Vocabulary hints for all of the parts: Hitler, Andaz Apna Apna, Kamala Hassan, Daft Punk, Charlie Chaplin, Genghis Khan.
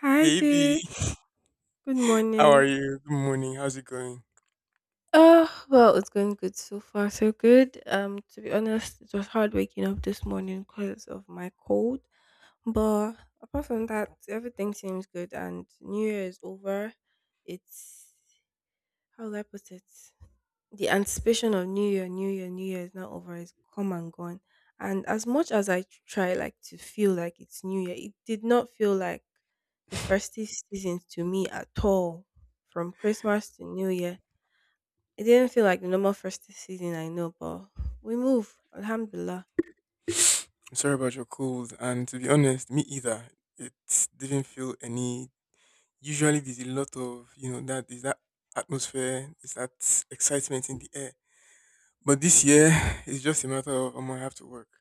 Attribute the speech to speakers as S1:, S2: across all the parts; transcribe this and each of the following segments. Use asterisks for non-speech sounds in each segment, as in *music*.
S1: Hi
S2: Hey B,
S1: there. Good
S2: how are
S1: morning.
S2: you? Good morning. How's it going?
S1: Oh, well, it's going good so far. So good. To be honest, it was hard waking up this morning because of my cold. But apart from that, everything seems good and New Year is over. It's how do I put it? The anticipation of New Year, New Year, New Year is not over, it's come and gone. And as much as I try like to feel like it's New Year, it did not feel like the festive season to me at all. From Christmas to New Year. It didn't feel like the normal festive season I know, but we move. Alhamdulillah.
S2: I'm sorry about your cold, and to be honest, me either. It didn't feel any. Usually, there's a lot of that is that atmosphere, is that excitement in the air. But this year, *sighs* it's just a matter of I'm gonna have to work.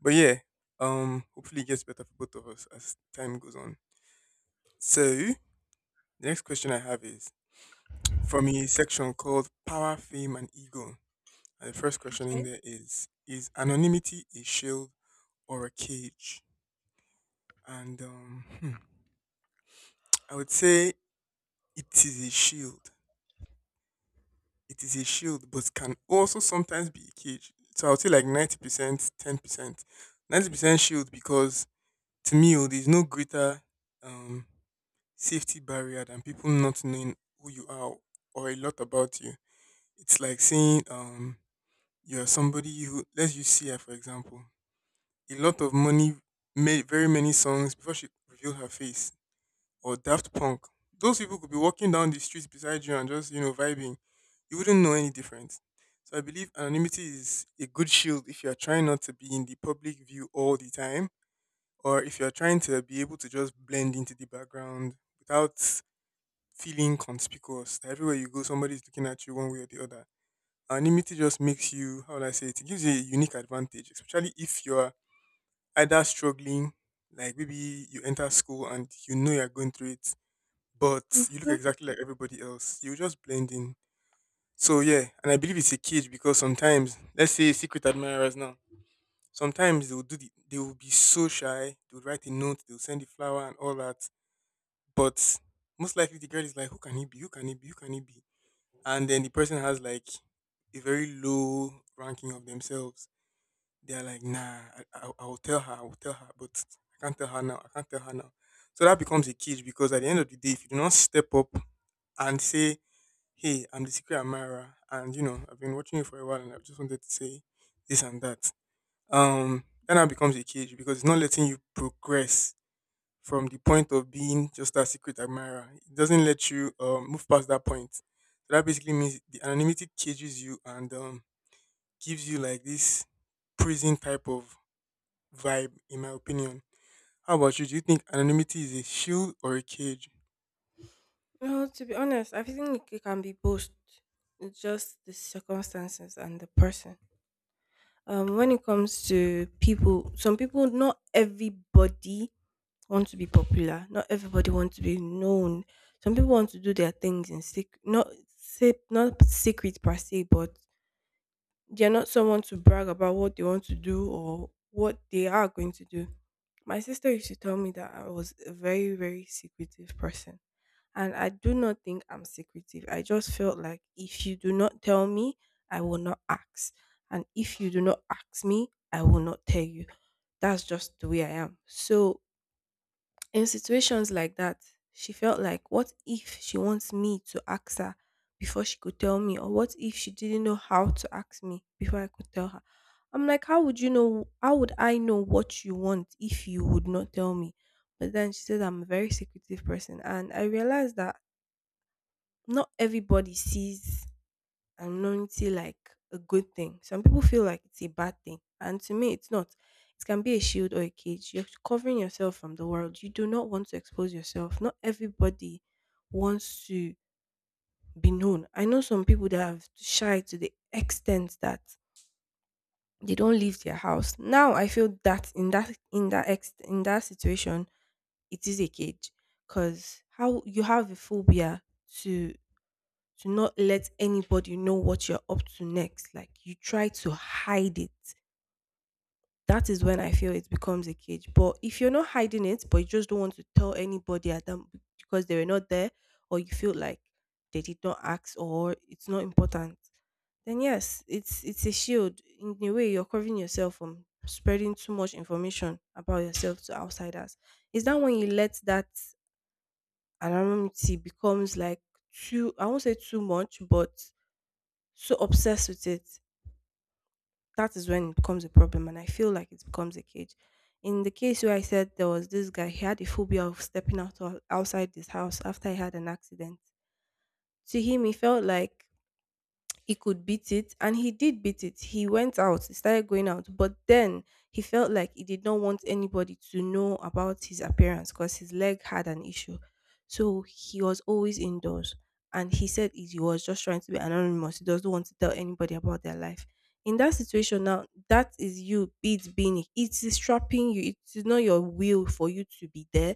S2: But yeah, hopefully it gets better for both of us as time goes on. So the next question I have is from a section called Power, Fame, and Ego. And the first question in there is anonymity a shield or a cage? And um, hmm, I would say it is a shield. It is a shield, but can also sometimes be a cage. So I would say like 90%, 10%. 90% shield because to me, oh, there's no greater um, safety barrier than people not knowing who you are or a lot about you. It's like saying you're somebody who, let's use CI for example. A lot of money, made very many songs before she revealed her face. Or Daft Punk. Those people could be walking down the streets beside you and just, you know, vibing. You wouldn't know any difference. So I believe anonymity is a good shield if you are trying not to be in the public view all the time, or if you are trying to be able to just blend into the background without feeling conspicuous. Everywhere you go, somebody is looking at you one way or the other. Anonymity just makes you, how would I say it, it gives you a unique advantage, especially if you're either struggling, like maybe you enter school and you know you're going through it, but you look
S1: Mm-hmm.
S2: exactly like everybody else. You just blend in. So yeah, and I believe it's a cage because sometimes, let's say secret admirers now, sometimes they will do they will be so shy, they will write a note, they will send the flower and all that. But most likely the girl is like, who can he be? Who can he be? Who can he be? And then the person has like a very low ranking of themselves, they're like, nah, I will tell her, I will tell her, but I can't tell her now, I can't tell her now. So that becomes a cage because at the end of the day, if you do not step up and say, hey, I'm the secret admirer, and you know, I've been watching you for a while and I've just wanted to say this and that, that now becomes a cage because it's not letting you progress from the point of being just that secret admirer. It doesn't let you move past that point. So that basically means the anonymity cages you and gives you like this prison type of vibe, in my opinion. How about you? Do you think anonymity is a shield or a cage?
S1: Well, to be honest, I think it can be both. It's just the circumstances and the person. When it comes to people, some people, not everybody want to be popular. Not everybody wants to be known. Some people want to do their things in secret, not say not secret per se, but they're not someone to brag about what they want to do or what they are going to do. My sister used to tell me that I was a very, very secretive person. And I do not think I'm secretive. I just felt like if you do not tell me, I will not ask. And if you do not ask me, I will not tell you. That's just the way I am. So in situations like that, she felt like, what if she wants me to ask her before she could tell me? Or what if she didn't know how to ask me before I could tell her? I'm like, how would you know? How would I know what you want if you would not tell me? But then she said, I'm a very secretive person. And I realized that not everybody sees and loyalty like a good thing. Some people feel like it's a bad thing, and to me, it's not. It can be a shield or a cage. You're covering yourself from the world. You do not want to expose yourself. Not everybody wants to be known. I know some people that have shy to the extent that they don't leave their house. Now I feel that in that situation, it is a cage because how you have a phobia to to not let anybody know what you're up to next. Like you try to hide it. That is when I feel it becomes a cage. But if you're not hiding it, but you just don't want to tell anybody at them because they were not there, or you feel like they did not ask or it's not important, then yes, it's a shield. In a way, you're covering yourself from spreading too much information about yourself to outsiders. Is that when you let that anonymity becomes like too, I won't say too much, but so obsessed with it, that is when it becomes a problem. And I feel like it becomes a cage. In the case where I said there was this guy, he had a phobia of stepping out outside his house after he had an accident. To him, he felt like he could beat it and he did beat it. He went out, he started going out, but then he felt like he did not want anybody to know about his appearance because his leg had an issue, so he was always indoors, and he said he was just trying to be anonymous. He doesn't want to tell anybody about their life. In that situation, now that is, you it being, it is trapping you, it is not your will for you to be there,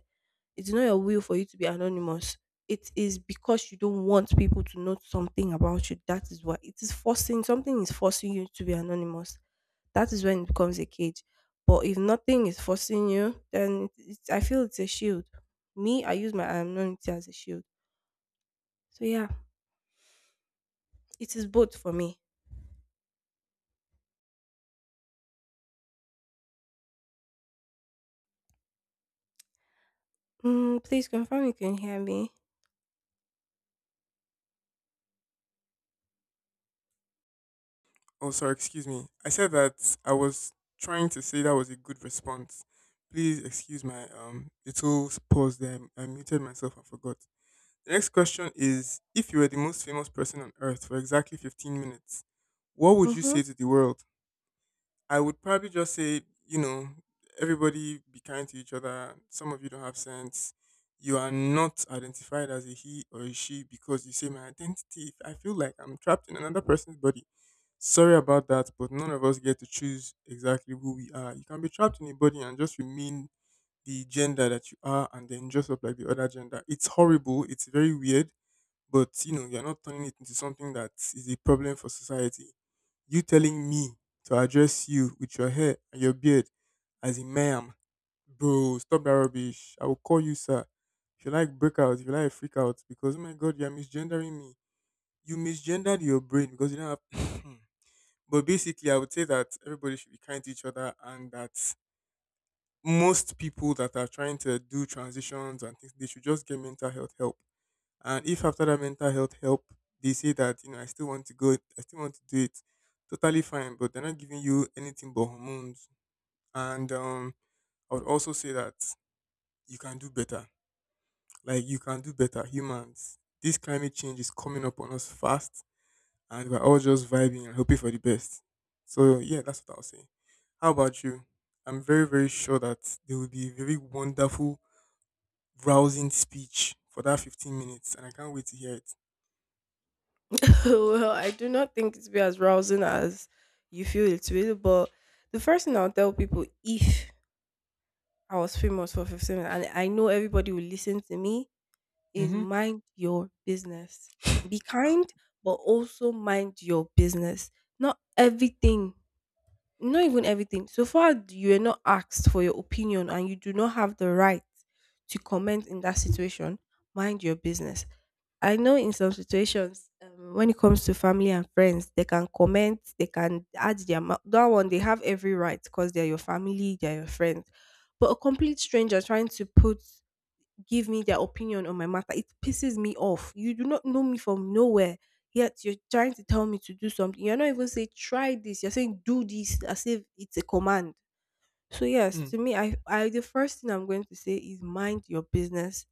S1: it's not your will for you to be anonymous, it is because you don't want people to know something about you. That is why it is forcing, something is forcing you to be anonymous. That is when it becomes a cage. But if nothing is forcing you, then it's, I feel it's a shield. Me, I use my anonymity as a shield. So yeah, it is both for me. Mm, please confirm you can hear me.
S2: Oh, sorry, excuse me. I said that I was trying to say that was a good response. Please excuse my little pause there. I muted myself. I forgot. The next question is, if you were the most famous person on earth for exactly 15 minutes, what would you
S1: Mm-hmm.
S2: say to the world? I would probably just say, you know, everybody be kind to each other. Some of you don't have sense. You are not identified as a he or a she because you say my identity. I feel like I'm trapped in another person's body. Sorry about that, but none of us get to choose exactly who we are. You can be trapped in a body and just remain the gender that you are and then dress up like the other gender. It's horrible. It's very weird, but you know, you're not turning it into something that is a problem for society. You telling me to address you with your hair and your beard as a ma'am, bro, stop that rubbish. I will call you sir. If you like break out, if you like freak out, because oh my god, you're misgendering me. You misgendered your brain because you don't have *coughs* *clears throat* but basically I would say that everybody should be kind to each other and that most people that are trying to do transitions and things, they should just get mental health help, and if after that mental health help, they say that you know I still want to go, I still want to do it, totally fine. But they're not giving you anything but hormones. And I would also say that you can do better. Like you can do better, humans. This climate change is coming up on us fast, and we're all just vibing and hoping for the best. So yeah, that's what I'll say. How about you? I'm very very sure that there will be a very wonderful, rousing speech for that 15 minutes, and I can't wait to hear it.
S1: *laughs* Well, I do not think it's be as rousing as you feel it will, but the first thing I'll tell people if I was famous for 15 minutes and I know everybody will listen to me is mind your business. Be kind,
S2: Mm-hmm.
S1: but also mind your business. Not everything, not even everything. So far, you are not asked for your opinion and you do not have the right to comment in that situation. Mind your business. I know in some situations, when it comes to family and friends, they can comment, they can add their mouth. That one, they have every right because they're your family, they're your friends. But a complete stranger trying to put give me their opinion on my matter. It pisses me off. You do not know me from nowhere. Yet you're trying to tell me to do something. You're not even saying try this. You're saying do this as if it's a command. So yes, to me, I the first thing I'm going to say is mind your business,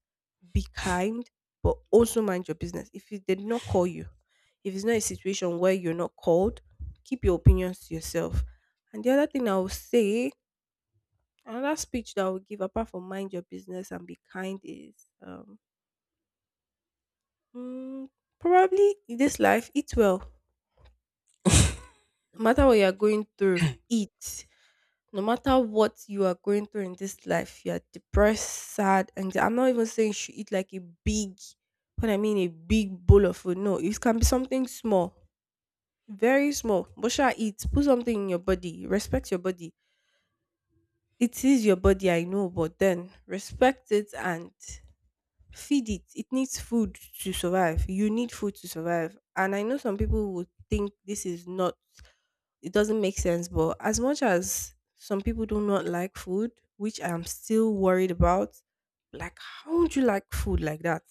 S1: be kind, but also mind your business. If it did not call you, if it's not a situation where you're not called, keep your opinions to yourself. And the other thing I will say, another speech that I will give apart from mind your business and be kind is um Mm, probably in this life, eat well. No matter what you are going through, eat. No matter what you are going through in this life, you are depressed, sad, and I'm not even saying you should eat like a big, what I mean, a big bowl of food. No, it can be something small, very small. But shall eat? Put something in your body. Respect your body. It is your body, I know, but then respect it and feed it. It needs food to survive. You need food to survive. And I know some people would think this is not, it doesn't make sense. But as much as some people do not like food, which I'm still worried about, like, how would you like food like that?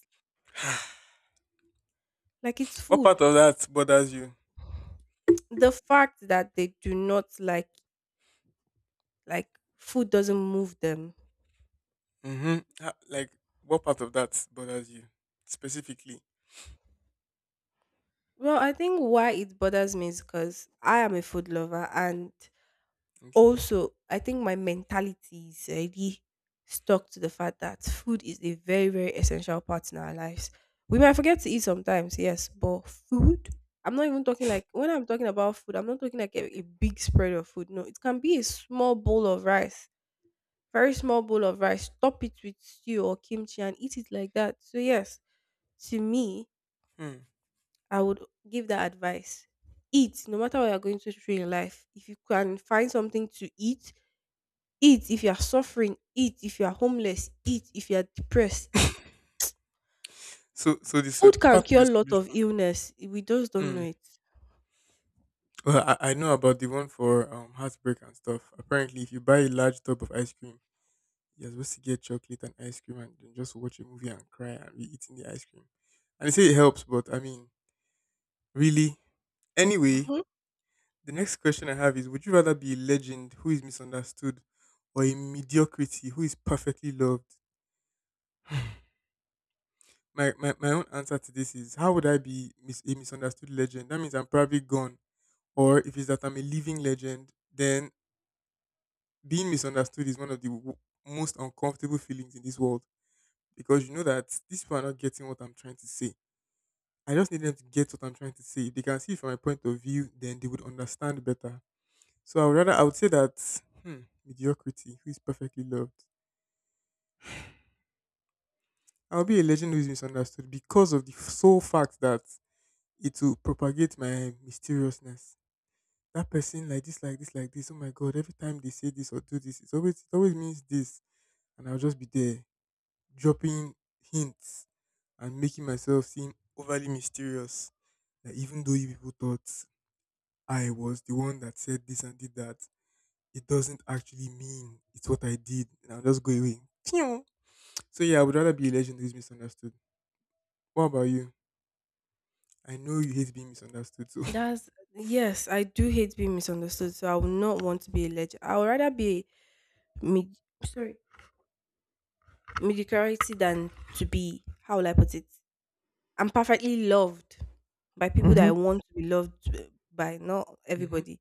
S1: Like, it's
S2: What part
S1: food.
S2: of that bothers you?
S1: The fact that they do not like, like, food doesn't move them.
S2: Mm-hmm. Like, what part of that bothers you specifically?
S1: Well, I think why it bothers me is because I am a food lover. And
S2: Okay.
S1: also, I think my mentality is already stuck to the fact that food is a very, very essential part in our lives. We might forget to eat sometimes, yes, but food. I'm not even talking like, when I'm talking about food, I'm not talking like a big spread of food. No, it can be a small bowl of rice, very small bowl of rice. Top it with stew or kimchi and eat it like that. So, yes, to me,
S2: Hmm.
S1: I would give that advice. Eat no matter what you're going to through in life. If you can find something to eat, eat. If you are suffering, eat. If you are homeless, eat. If you are depressed.
S2: *laughs* So,
S1: Food can
S2: part of
S1: cure
S2: the
S1: a lot of
S2: solution.
S1: illness. We just don't know
S2: Hmm.
S1: it.
S2: Well, I know about the one for heartbreak and stuff. Apparently, if you buy a large tub of ice cream, you're supposed to get chocolate and ice cream, and then just watch a movie and cry and be eating the ice cream. And they say it helps, but I mean, really. Anyway,
S1: Hmm.
S2: the next question I have is, would you rather be a legend who is misunderstood or a mediocrity who is perfectly loved? *sighs* My own answer to this is, how would I be a misunderstood legend? That means I'm probably gone. Or if it's that I'm a living legend, then being misunderstood is one of the most uncomfortable feelings in this world because you know that these people are not getting what I'm trying to say. I just need them to get what I'm trying to say. If they can see it from my point of view, then they would understand better. So I would say that hmm, mediocrity, who is perfectly loved, I'll be a legend who is misunderstood because of the sole fact that it will propagate my mysteriousness. That person like this, like this, like this. Oh my god! Every time they say this or do this, it always means this, and I'll just be there dropping hints and making myself seem overly mysterious. That even though you people thought I was the one that said this and did that, it doesn't actually mean it's what I did. And I'll just go away. *laughs* So yeah, I would rather be a legend who's misunderstood. What about you? I know you hate being misunderstood, so
S1: That's, yes, I do hate being misunderstood, so I would not want to be a legend. I would rather be a mid, sorry, mediocrity than to be, how will I put it, I'm perfectly loved by people that
S2: hmm.
S1: I want to be loved by, not
S2: Hmm. *laughs*
S1: everybody,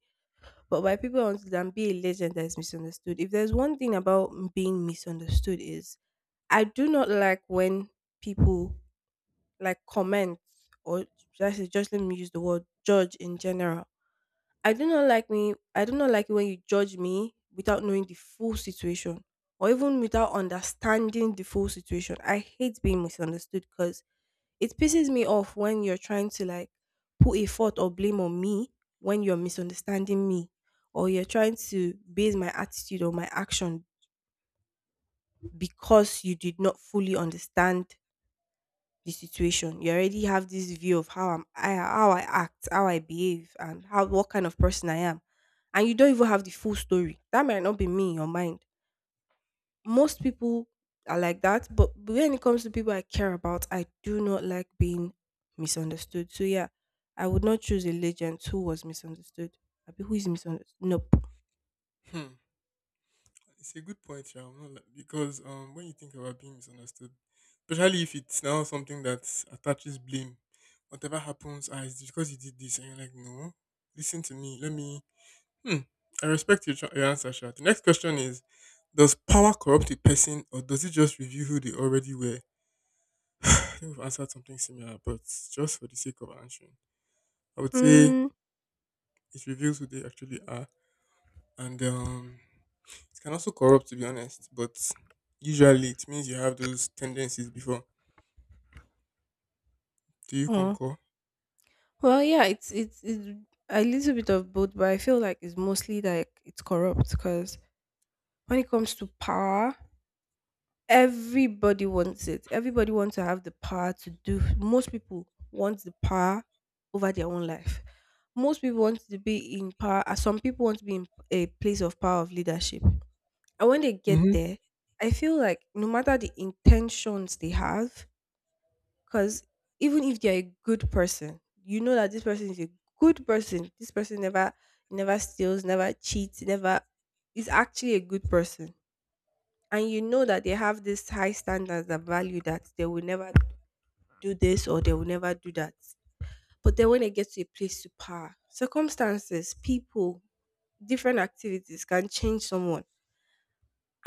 S1: but by people I want to, than be a legend that is misunderstood. If there's one thing about m- being misunderstood is I do not like when people like comment or should I say, just let me use the word judge in general. I do not like it when you judge me without knowing the full situation or even without understanding the full situation. I hate being misunderstood because it pisses me off when you're trying to like put a fault or blame on me when you're misunderstanding me or you're trying to base my attitude or my action because you did not fully understand the situation. You already have this view of how how I act, how I behave, and how what kind of person I am, and you don't even have the full story. That might not be me in your mind. Most people are like that, but when it comes to people I care about, I do not like being misunderstood. So yeah, I would not choose a legend who was misunderstood. Abi, who is misunderstood? Nope.
S2: Hmm. It's a good point, yeah. I'm not because when you think about being misunderstood, especially if it's now something that attaches blame, whatever happens, ah, it's because you did this, and you're like, no, listen to me. Let me. Hmm. I respect your, your answer, Sha. The next question is, does power corrupt a person, or does it just reveal who they already were? *sighs* I think we've answered something similar, but just for the sake of answering, I would say
S1: Mm,
S2: it reveals who they actually are. And it can also corrupt, to be honest, but usually it means you have those tendencies before. Do you
S1: huh.
S2: concur?
S1: Well, yeah, it's a little bit of both, but I feel like it's mostly like it's corrupt because when it comes to power, everybody wants it. Everybody wants to have the power to do. Most people want the power over their own life. Most people want to be in power. Some people want to be in a place of power of leadership. And when they get
S2: Mm-hmm.
S1: there, I feel like no matter the intentions they have, because even if they're a good person, you know that this person is a good person. This person never steals, never cheats, never is actually a good person and you know that they have this high standards that value that they will never do this or they will never do that. But then when they get to a place to power, circumstances, people, different activities can change someone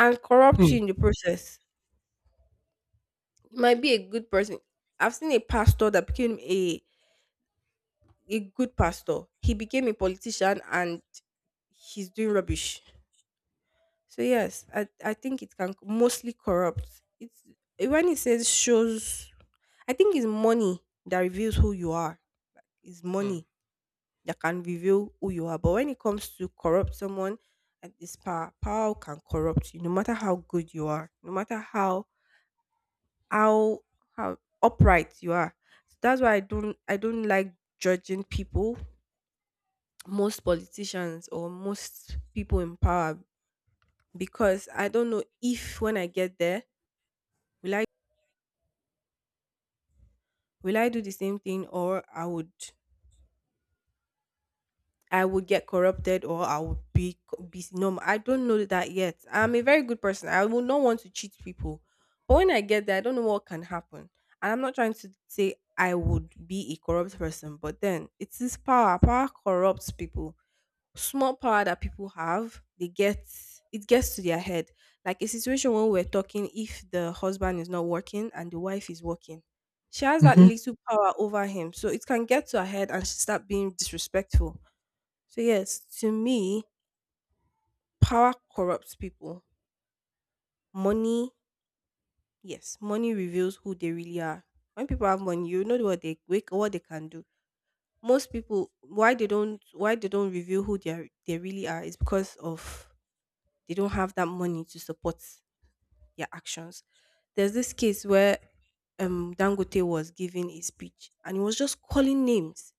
S1: and corrupt you in the process. You might be a good person. I've seen a pastor that became a good pastor. He became a politician and he's doing rubbish. So yes, I think it can mostly corrupt. It's when it says shows, I think it's money that reveals who you are. It's
S2: Hmm.
S1: money that can reveal who you are. But when it comes to corrupt someone, and this power, power can corrupt you. No matter how good you are, no matter how how upright you are. So that's why I don't like judging people, most politicians or most people in power, because I don't know if when I get there will will I do the same thing or I would get corrupted or I would be no I don't know that yet. I'm a very good person. I will not want to cheat people. But when I get there, I don't know what can happen. And I'm not trying to say I would be a corrupt person, but then it is power. Power corrupts people. Small power that people have, they get it gets to their head. Like a situation when we're talking, if the husband is not working and the wife is working, she has that
S2: Mm-hmm.
S1: little power over him. So it can get to her head and she start being disrespectful. So yes, to me, power corrupts people. Money, yes, money reveals who they really are. When people have money, you know what they wake what they can do. Most people why they don't reveal who they are, they really are is because of they don't have that money to support their actions. There's this case where Dangote was giving a speech and he was just calling names.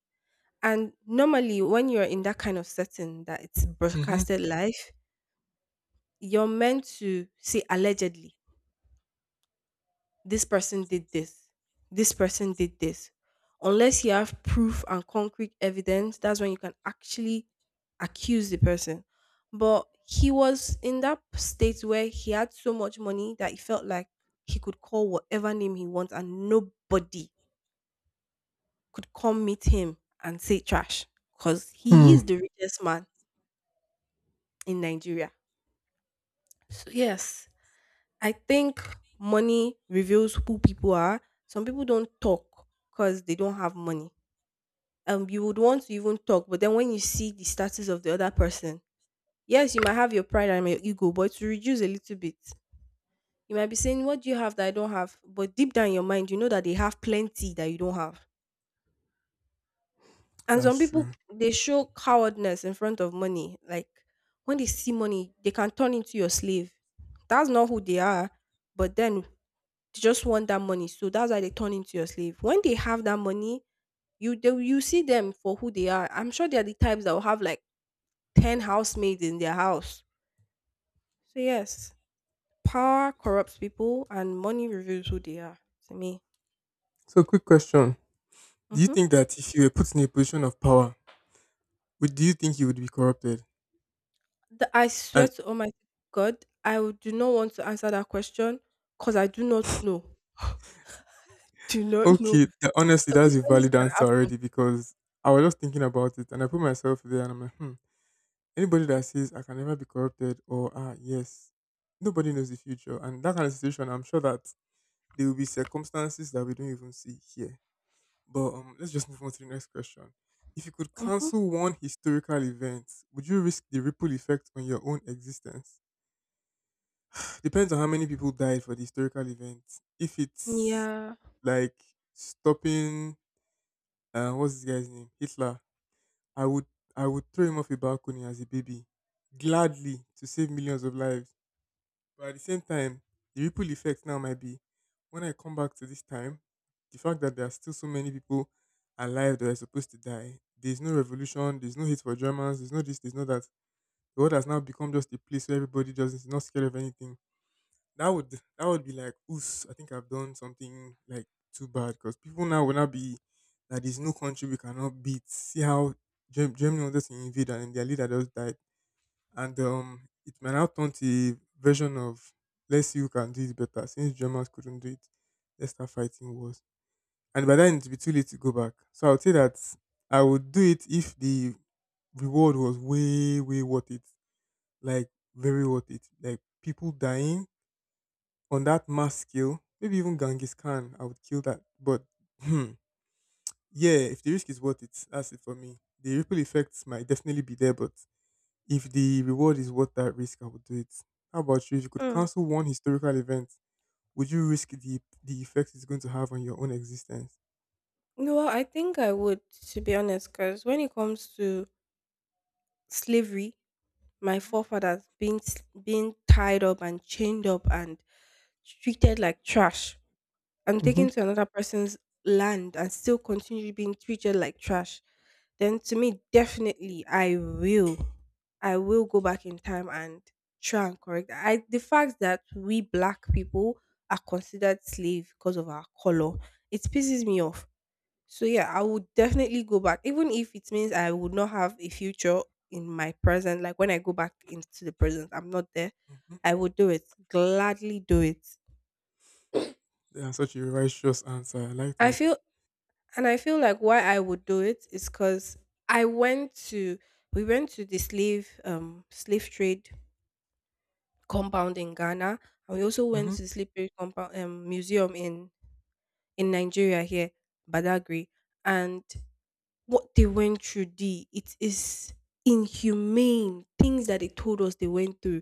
S1: And normally, when you're in that kind of setting that it's
S2: Mm-hmm.
S1: broadcasted live, you're meant to say allegedly this person did this, this person did this. Unless you have proof and concrete evidence, that's when you can actually accuse the person. But he was in that state where he had so much money that he felt like he could call whatever name he wants and nobody could come meet him and say trash because he
S2: Hmm.
S1: is the richest man in Nigeria. So, yes, I think money reveals who people are. Some people don't talk because they don't have money. You would want to even talk, but then when you see the status of the other person, yes you might have your pride and your ego but to reduce a little bit, you might be saying what do you have that I don't have, but deep down in your mind you know that they have plenty that you don't have. And some
S2: That's
S1: people
S2: true.
S1: they show cowardness in front of money, like when they see money they can turn into your slave. That's not who they are, but then they just want that money, so that's why they turn into your slave. When they have that money, you see them for who they are. I'm sure they are the types that will have like 10 housemaids in their house. So, yes, power corrupts people and money reveals who they are, to me.
S2: So, quick question. Do you
S1: Hmm.
S2: think that if you were put in a position of power, would do you think you would be corrupted?
S1: The, I swear
S2: And
S1: to Almighty God, I would- do not want to answer that question because I do not know. *laughs* Do not know.
S2: okay, that, honestly, that's a
S1: Circumstances
S2: valid
S1: can
S2: answer
S1: happen.
S2: already because I was just thinking about it and I put myself there and I'm like, hmm. Anybody that says I can never be corrupted or ah yes, nobody knows the future, and that kind of situation, I'm sure that there will be circumstances that we don't even see here. But let's just move on to the next question. If you could
S1: Hmm.
S2: cancel one historical event, would you risk the ripple effect on your own existence? Depends on how many people died for the historical event. If it's
S1: Yeah.
S2: like stopping, what's this guy's name? Hitler. I would I would throw him off a balcony as a baby, gladly to save millions of lives. But at the same time, the ripple effect now might be when I come back to this time, the fact that there are still so many people alive that are supposed to die, there's no revolution, there's no hate for Germans, there's no this, there's no that. The world has now become just a place where everybody just is not scared of anything. That would be like, oof, I think I've done something like too bad because people now will not be that there's no country we cannot beat. See how Germany wanted to invade and their leader just died and it may now turn to a version of let's see who can do it better. Since Germans couldn't do it, let's start fighting wars. And by then it'll be too late to go back. So I would say that I would do it if the reward was way, way worth it. Like very worth it. Like people dying on that mass scale, maybe even Genghis Khan, I would kill that. Hmm, yeah, if the risk is worth it, that's it for me. The ripple effects might definitely be there, but if the reward is worth that risk, I would do it. How about you? If you could
S1: Mm.
S2: cancel one historical event, would you risk the effect it's going to have on your own existence?
S1: No, well, I think I would, to be honest, because when it comes to slavery, my forefathers being s- being tied up and chained up and treated like trash, and
S2: hmm
S1: taken to another person's land and still continue being treated like trash, then to me, definitely, I will go back in time and try and correct that. I the fact that we black people are considered slave because of our color, it pisses me off. So yeah, I would definitely go back, even if it means I would not have a future in my present. Like when I go back into the present, I'm not there.
S2: Mhm.
S1: I would do it gladly. Do it.
S2: Yeah, such a righteous answer. I like
S1: I
S2: that.
S1: feel. And I feel like why I would do it is because I went to we went to the slave slave trade compound in Ghana, and we also went
S2: hmm
S1: to the slave trade compound museum in Nigeria here, Badagry, and what they went through D, it is inhumane. Things that they told us they went through.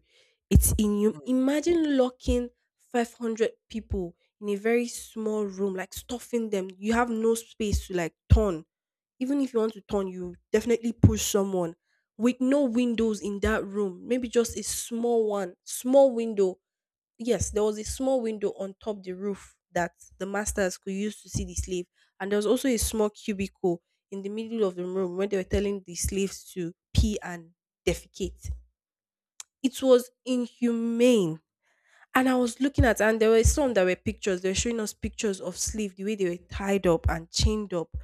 S1: It's inhum imagine locking 500 people in a very small room, like stuffing them. You have no space to like turn. Even if you want to turn, you definitely push someone with no windows in that room. Maybe just a small one, small window, yes, there was a small window on top the roof that the masters could use to see the slave, and there was also a small cubicle in the middle of the room where they were telling the slaves to pee and defecate. It was inhumane. And I was looking at, and there were some that were pictures. They were showing us pictures of slave, the way they were tied up and chained up.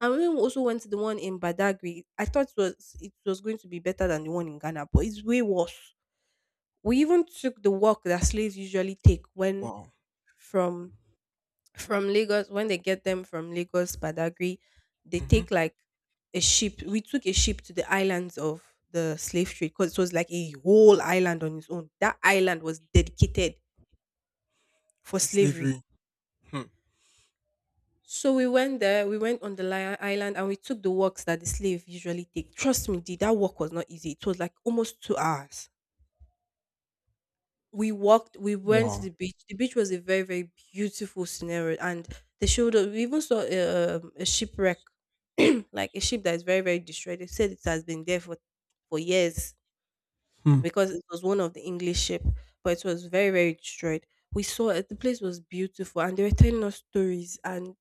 S1: And when we also went to the one in Badagry, I thought it was going to be better than the one in Ghana, but it's way worse. We even took the walk that slaves usually take when
S2: Wow.
S1: from from Lagos when they get them from Lagos Badagry, they
S2: hmm
S1: take like a ship. We took a ship to the islands of the slave trade because it was like a whole island on its own. That island was dedicated for
S2: To
S1: slavery.
S2: slavery. Hmm.
S1: So we went there, we went on the li- island and we took the walks that the slave usually take. Trust me, the, that walk was not easy. It was like almost 2 hours we walked. We went to
S2: Wow.
S1: the beach. The beach was a very very beautiful scenario, and they showed us we even saw a shipwreck, *clears throat* like a ship that is very very destroyed. They said it has been there for years
S2: Hmm.
S1: because it was one of the english ship, but it was very very destroyed. We saw it. The place was beautiful and they were telling us stories, and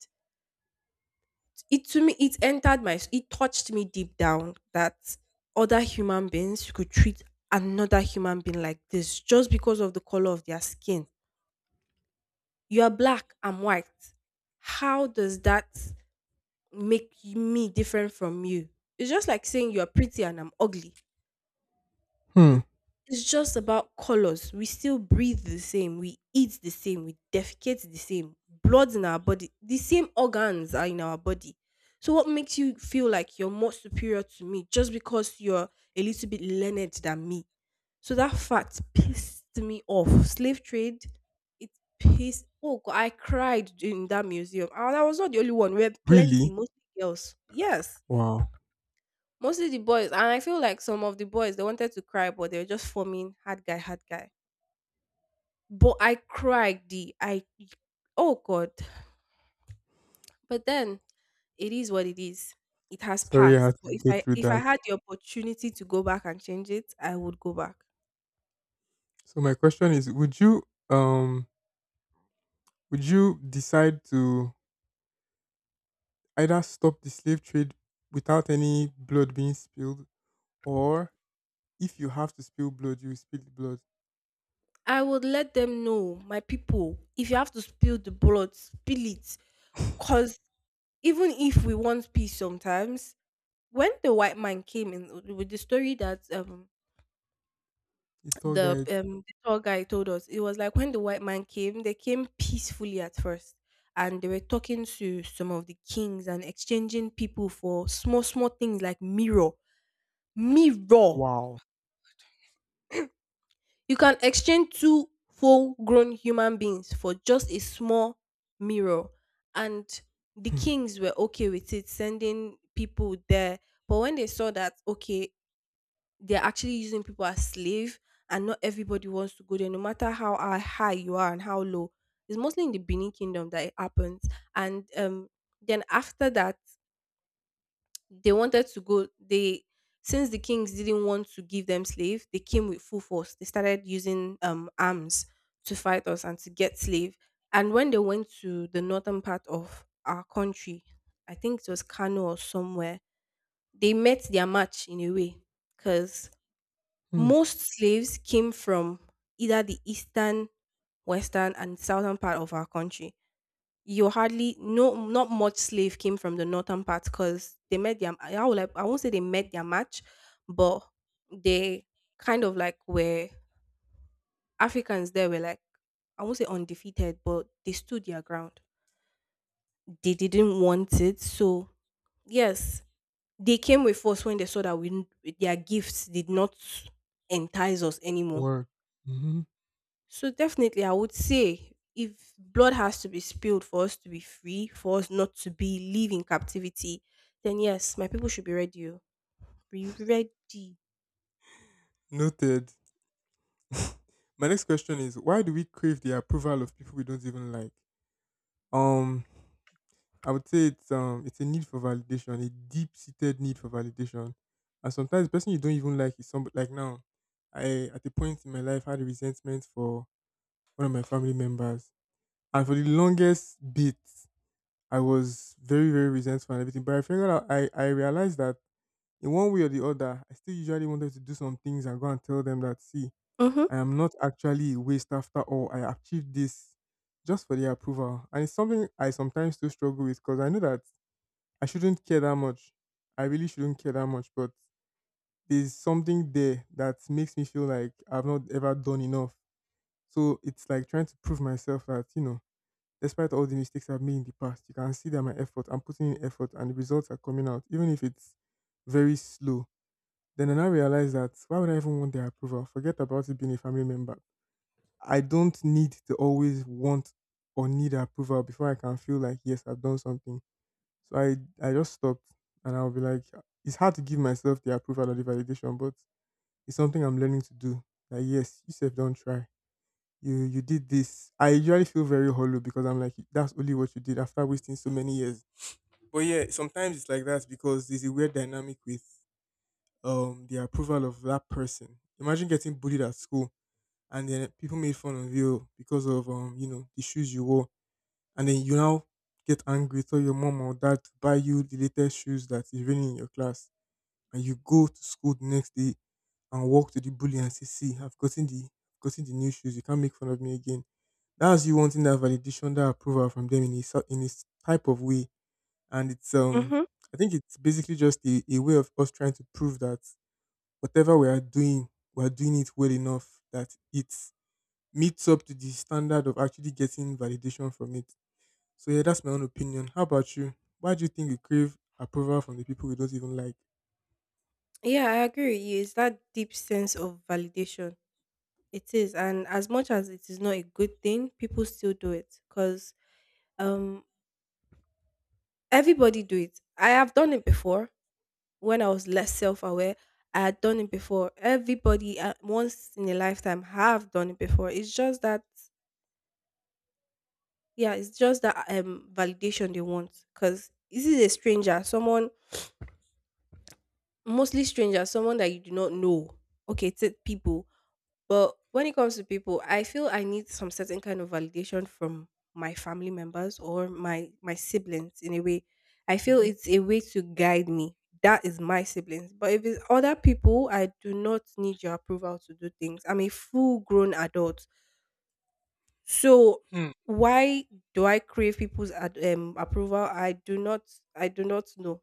S1: it to me it entered my it touched me deep down that other human beings could treat another human being like this just because of the color of their skin. You're black, I'm white. How does that make me different from you? It's just like saying you're pretty and I'm ugly.
S2: Hmm.
S1: It's just about colors. We still breathe the same, we eat the same, we defecate the same. Blood's in our body. The same organs are in our body. So what makes you feel like you're more superior to me just because you're a little bit learned than me? So that fact pissed me off. Slave trade, it pissed. Oh, God, I cried in that museum. And I was not the only one. We had plenty,
S2: Really?
S1: mostly girls. Yes.
S2: Wow.
S1: Mostly the boys, and I feel like some of the boys they wanted to cry, but they were just forming hard guy, hard guy. But I cried, D. I oh god. But then it is what it is. It has
S2: Sorry, I
S1: passed.
S2: had to
S1: But
S2: go through
S1: if I
S2: that.
S1: had the opportunity to go back and change it, I would go back.
S2: So my question is: um would you decide to either stop the slave trade without any blood being spilled, or if you have to spill blood, you will spill the blood.
S1: I would let them know, my people, if you have to spill the blood, spill it. Cause even if we want peace sometimes, when the white man came in with the story that
S2: A tour guide.
S1: the tour guy told us, it was like when the white man came they came peacefully at first, and they were talking to some of the kings and exchanging people for small small things like mirror.
S2: Wow.
S1: You can exchange two full grown human beings for just a small mirror, and the
S2: Hmm.
S1: kings were okay with it sending people there. But when they saw that okay they're actually using people as slave, and not everybody wants to go there no matter how high you are and how low. It's mostly in the benin kingdom that it happens. And then after that they wanted to go they since the kings didn't want to give them slave, they came with full force. They started using arms to fight us and to get slave. And when they went to the northern part of our country, I think it was kano or somewhere, they met their match in a way, because
S2: Hmm.
S1: most slaves came from either the eastern, western, and southern part of our country. You hardly no not much slave came from the northern part because they met their I would like I won't say they met their match, but they kind of like were Africans there were like I won't say undefeated, but they stood their ground. They didn't want it. So yes, they came with us when they saw that we their gifts did not entice us anymore.
S2: Work. hmm
S1: So definitely, I would say if blood has to be spilled for us to be free, for us not to be live in captivity, then yes, my people should be ready. Oh. Be ready.
S2: Noted. *laughs* My next question is, why do we crave the approval of people we don't even like? Um, I would say it's a need for validation, a deep seated need for validation. And sometimes the person you don't even like is somebody like now. I, at a point in my life, had a resentment for one of my family members. And for the longest bit, I was very, very resentful and everything. But I figured out I realized that in one way or the other, I still usually want them to do some things and go and tell them that, see,
S1: Mm-hmm.
S2: I am not actually a waste after all. I achieved this just for their approval. And it's something I sometimes still struggle with because I know that I shouldn't care that much. I really shouldn't care that much, but there's something there that makes me feel like I've not ever done enough. So it's like trying to prove myself that, you know, despite all the mistakes I've made in the past, you can see that my effort, I'm putting in effort and the results are coming out, even if it's very slow. Then I now realized that why would I even want their approval? Forget about it being a family member. I don't need to always want or need approval before I can feel like yes, I've done something. So I just stopped and I'll be like, it's hard to give myself the approval or the validation, but it's something I'm learning to do. Like yes, you said don't try. You did this. I usually feel very hollow because I'm like that's only what you did after wasting so many years. But yeah, sometimes it's like that because there's a weird dynamic with the approval of that person. Imagine getting bullied at school and then people made fun of you because of you know the shoes you wore, and then you now get angry, tell your mom or dad to buy you the latest shoes that is raining in your class, and you go to school the next day and walk to the bully and say, "See, I've gotten the new shoes. You can't make fun of me again." That's you wanting that validation, that approval from them in this type of way, and it's
S1: Mm-hmm.
S2: I think it's basically just a way of us trying to prove that whatever we are doing it well enough that it meets up to the standard of actually getting validation from it. So yeah, that's my own opinion. How about you? Why do you think we crave approval from the people we don't even like?
S1: Yeah, I agree with you. It's that deep sense of validation. It is, and as much as it is not a good thing, people still do it because um everybody do it. I have done it before when I was less self aware. I had done it before. Everybody once in a lifetime have done it before. It's just that yeah, it's just that validation they want, because this is a stranger, someone mostly stranger, someone that you do not know. Okay, it's people, but when it comes to people, I feel I need some certain kind of validation from my family members or my siblings in a way. I feel
S2: Mhm.
S1: it's a way to guide me. That is my siblings, but if it's other people, I do not need your approval to do things. I'm a full grown adult. So
S2: hmm
S1: why do I crave people's ad- approval? I do not. I do not know.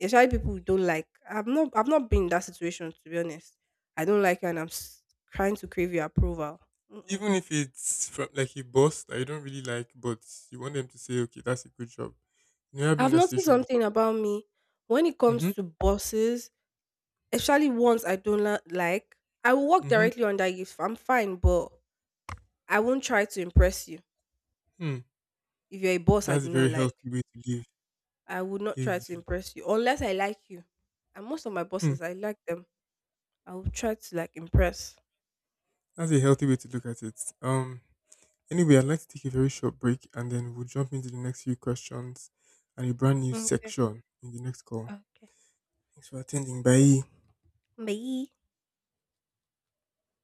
S1: Especially people who don't like. I've not. I've not been in that situation to be honest. I don't like you, and I'm s- trying to crave your approval. Mm-mm.
S2: Even if it's from like a boss that you don't really like, but you want them to say, "Okay, that's a good job." You never been in
S1: I've
S2: that
S1: noticed
S2: situation before.
S1: something about me when it comes
S2: Mm-hmm.
S1: to bosses, especially ones I don't la- like. I will work
S2: Mm-hmm.
S1: directly under you if I'm fine, but I won't try to impress you.
S2: Hmm.
S1: If you're a boss I
S2: That's a
S1: do not
S2: very
S1: like,
S2: healthy way to live.
S1: I would not try to
S2: If
S1: impress you unless I like you. And most of my
S2: hmm,
S1: bosses, I like them. I'll try to like impress.
S2: that's a healthy way to look at it. Anyway, I'd like to take a very short break and then we'll jump into the next few questions and a brand new
S1: Okay.
S2: section in the next call.
S1: Okay.
S2: Thanks for attending. Bye.
S1: Bye.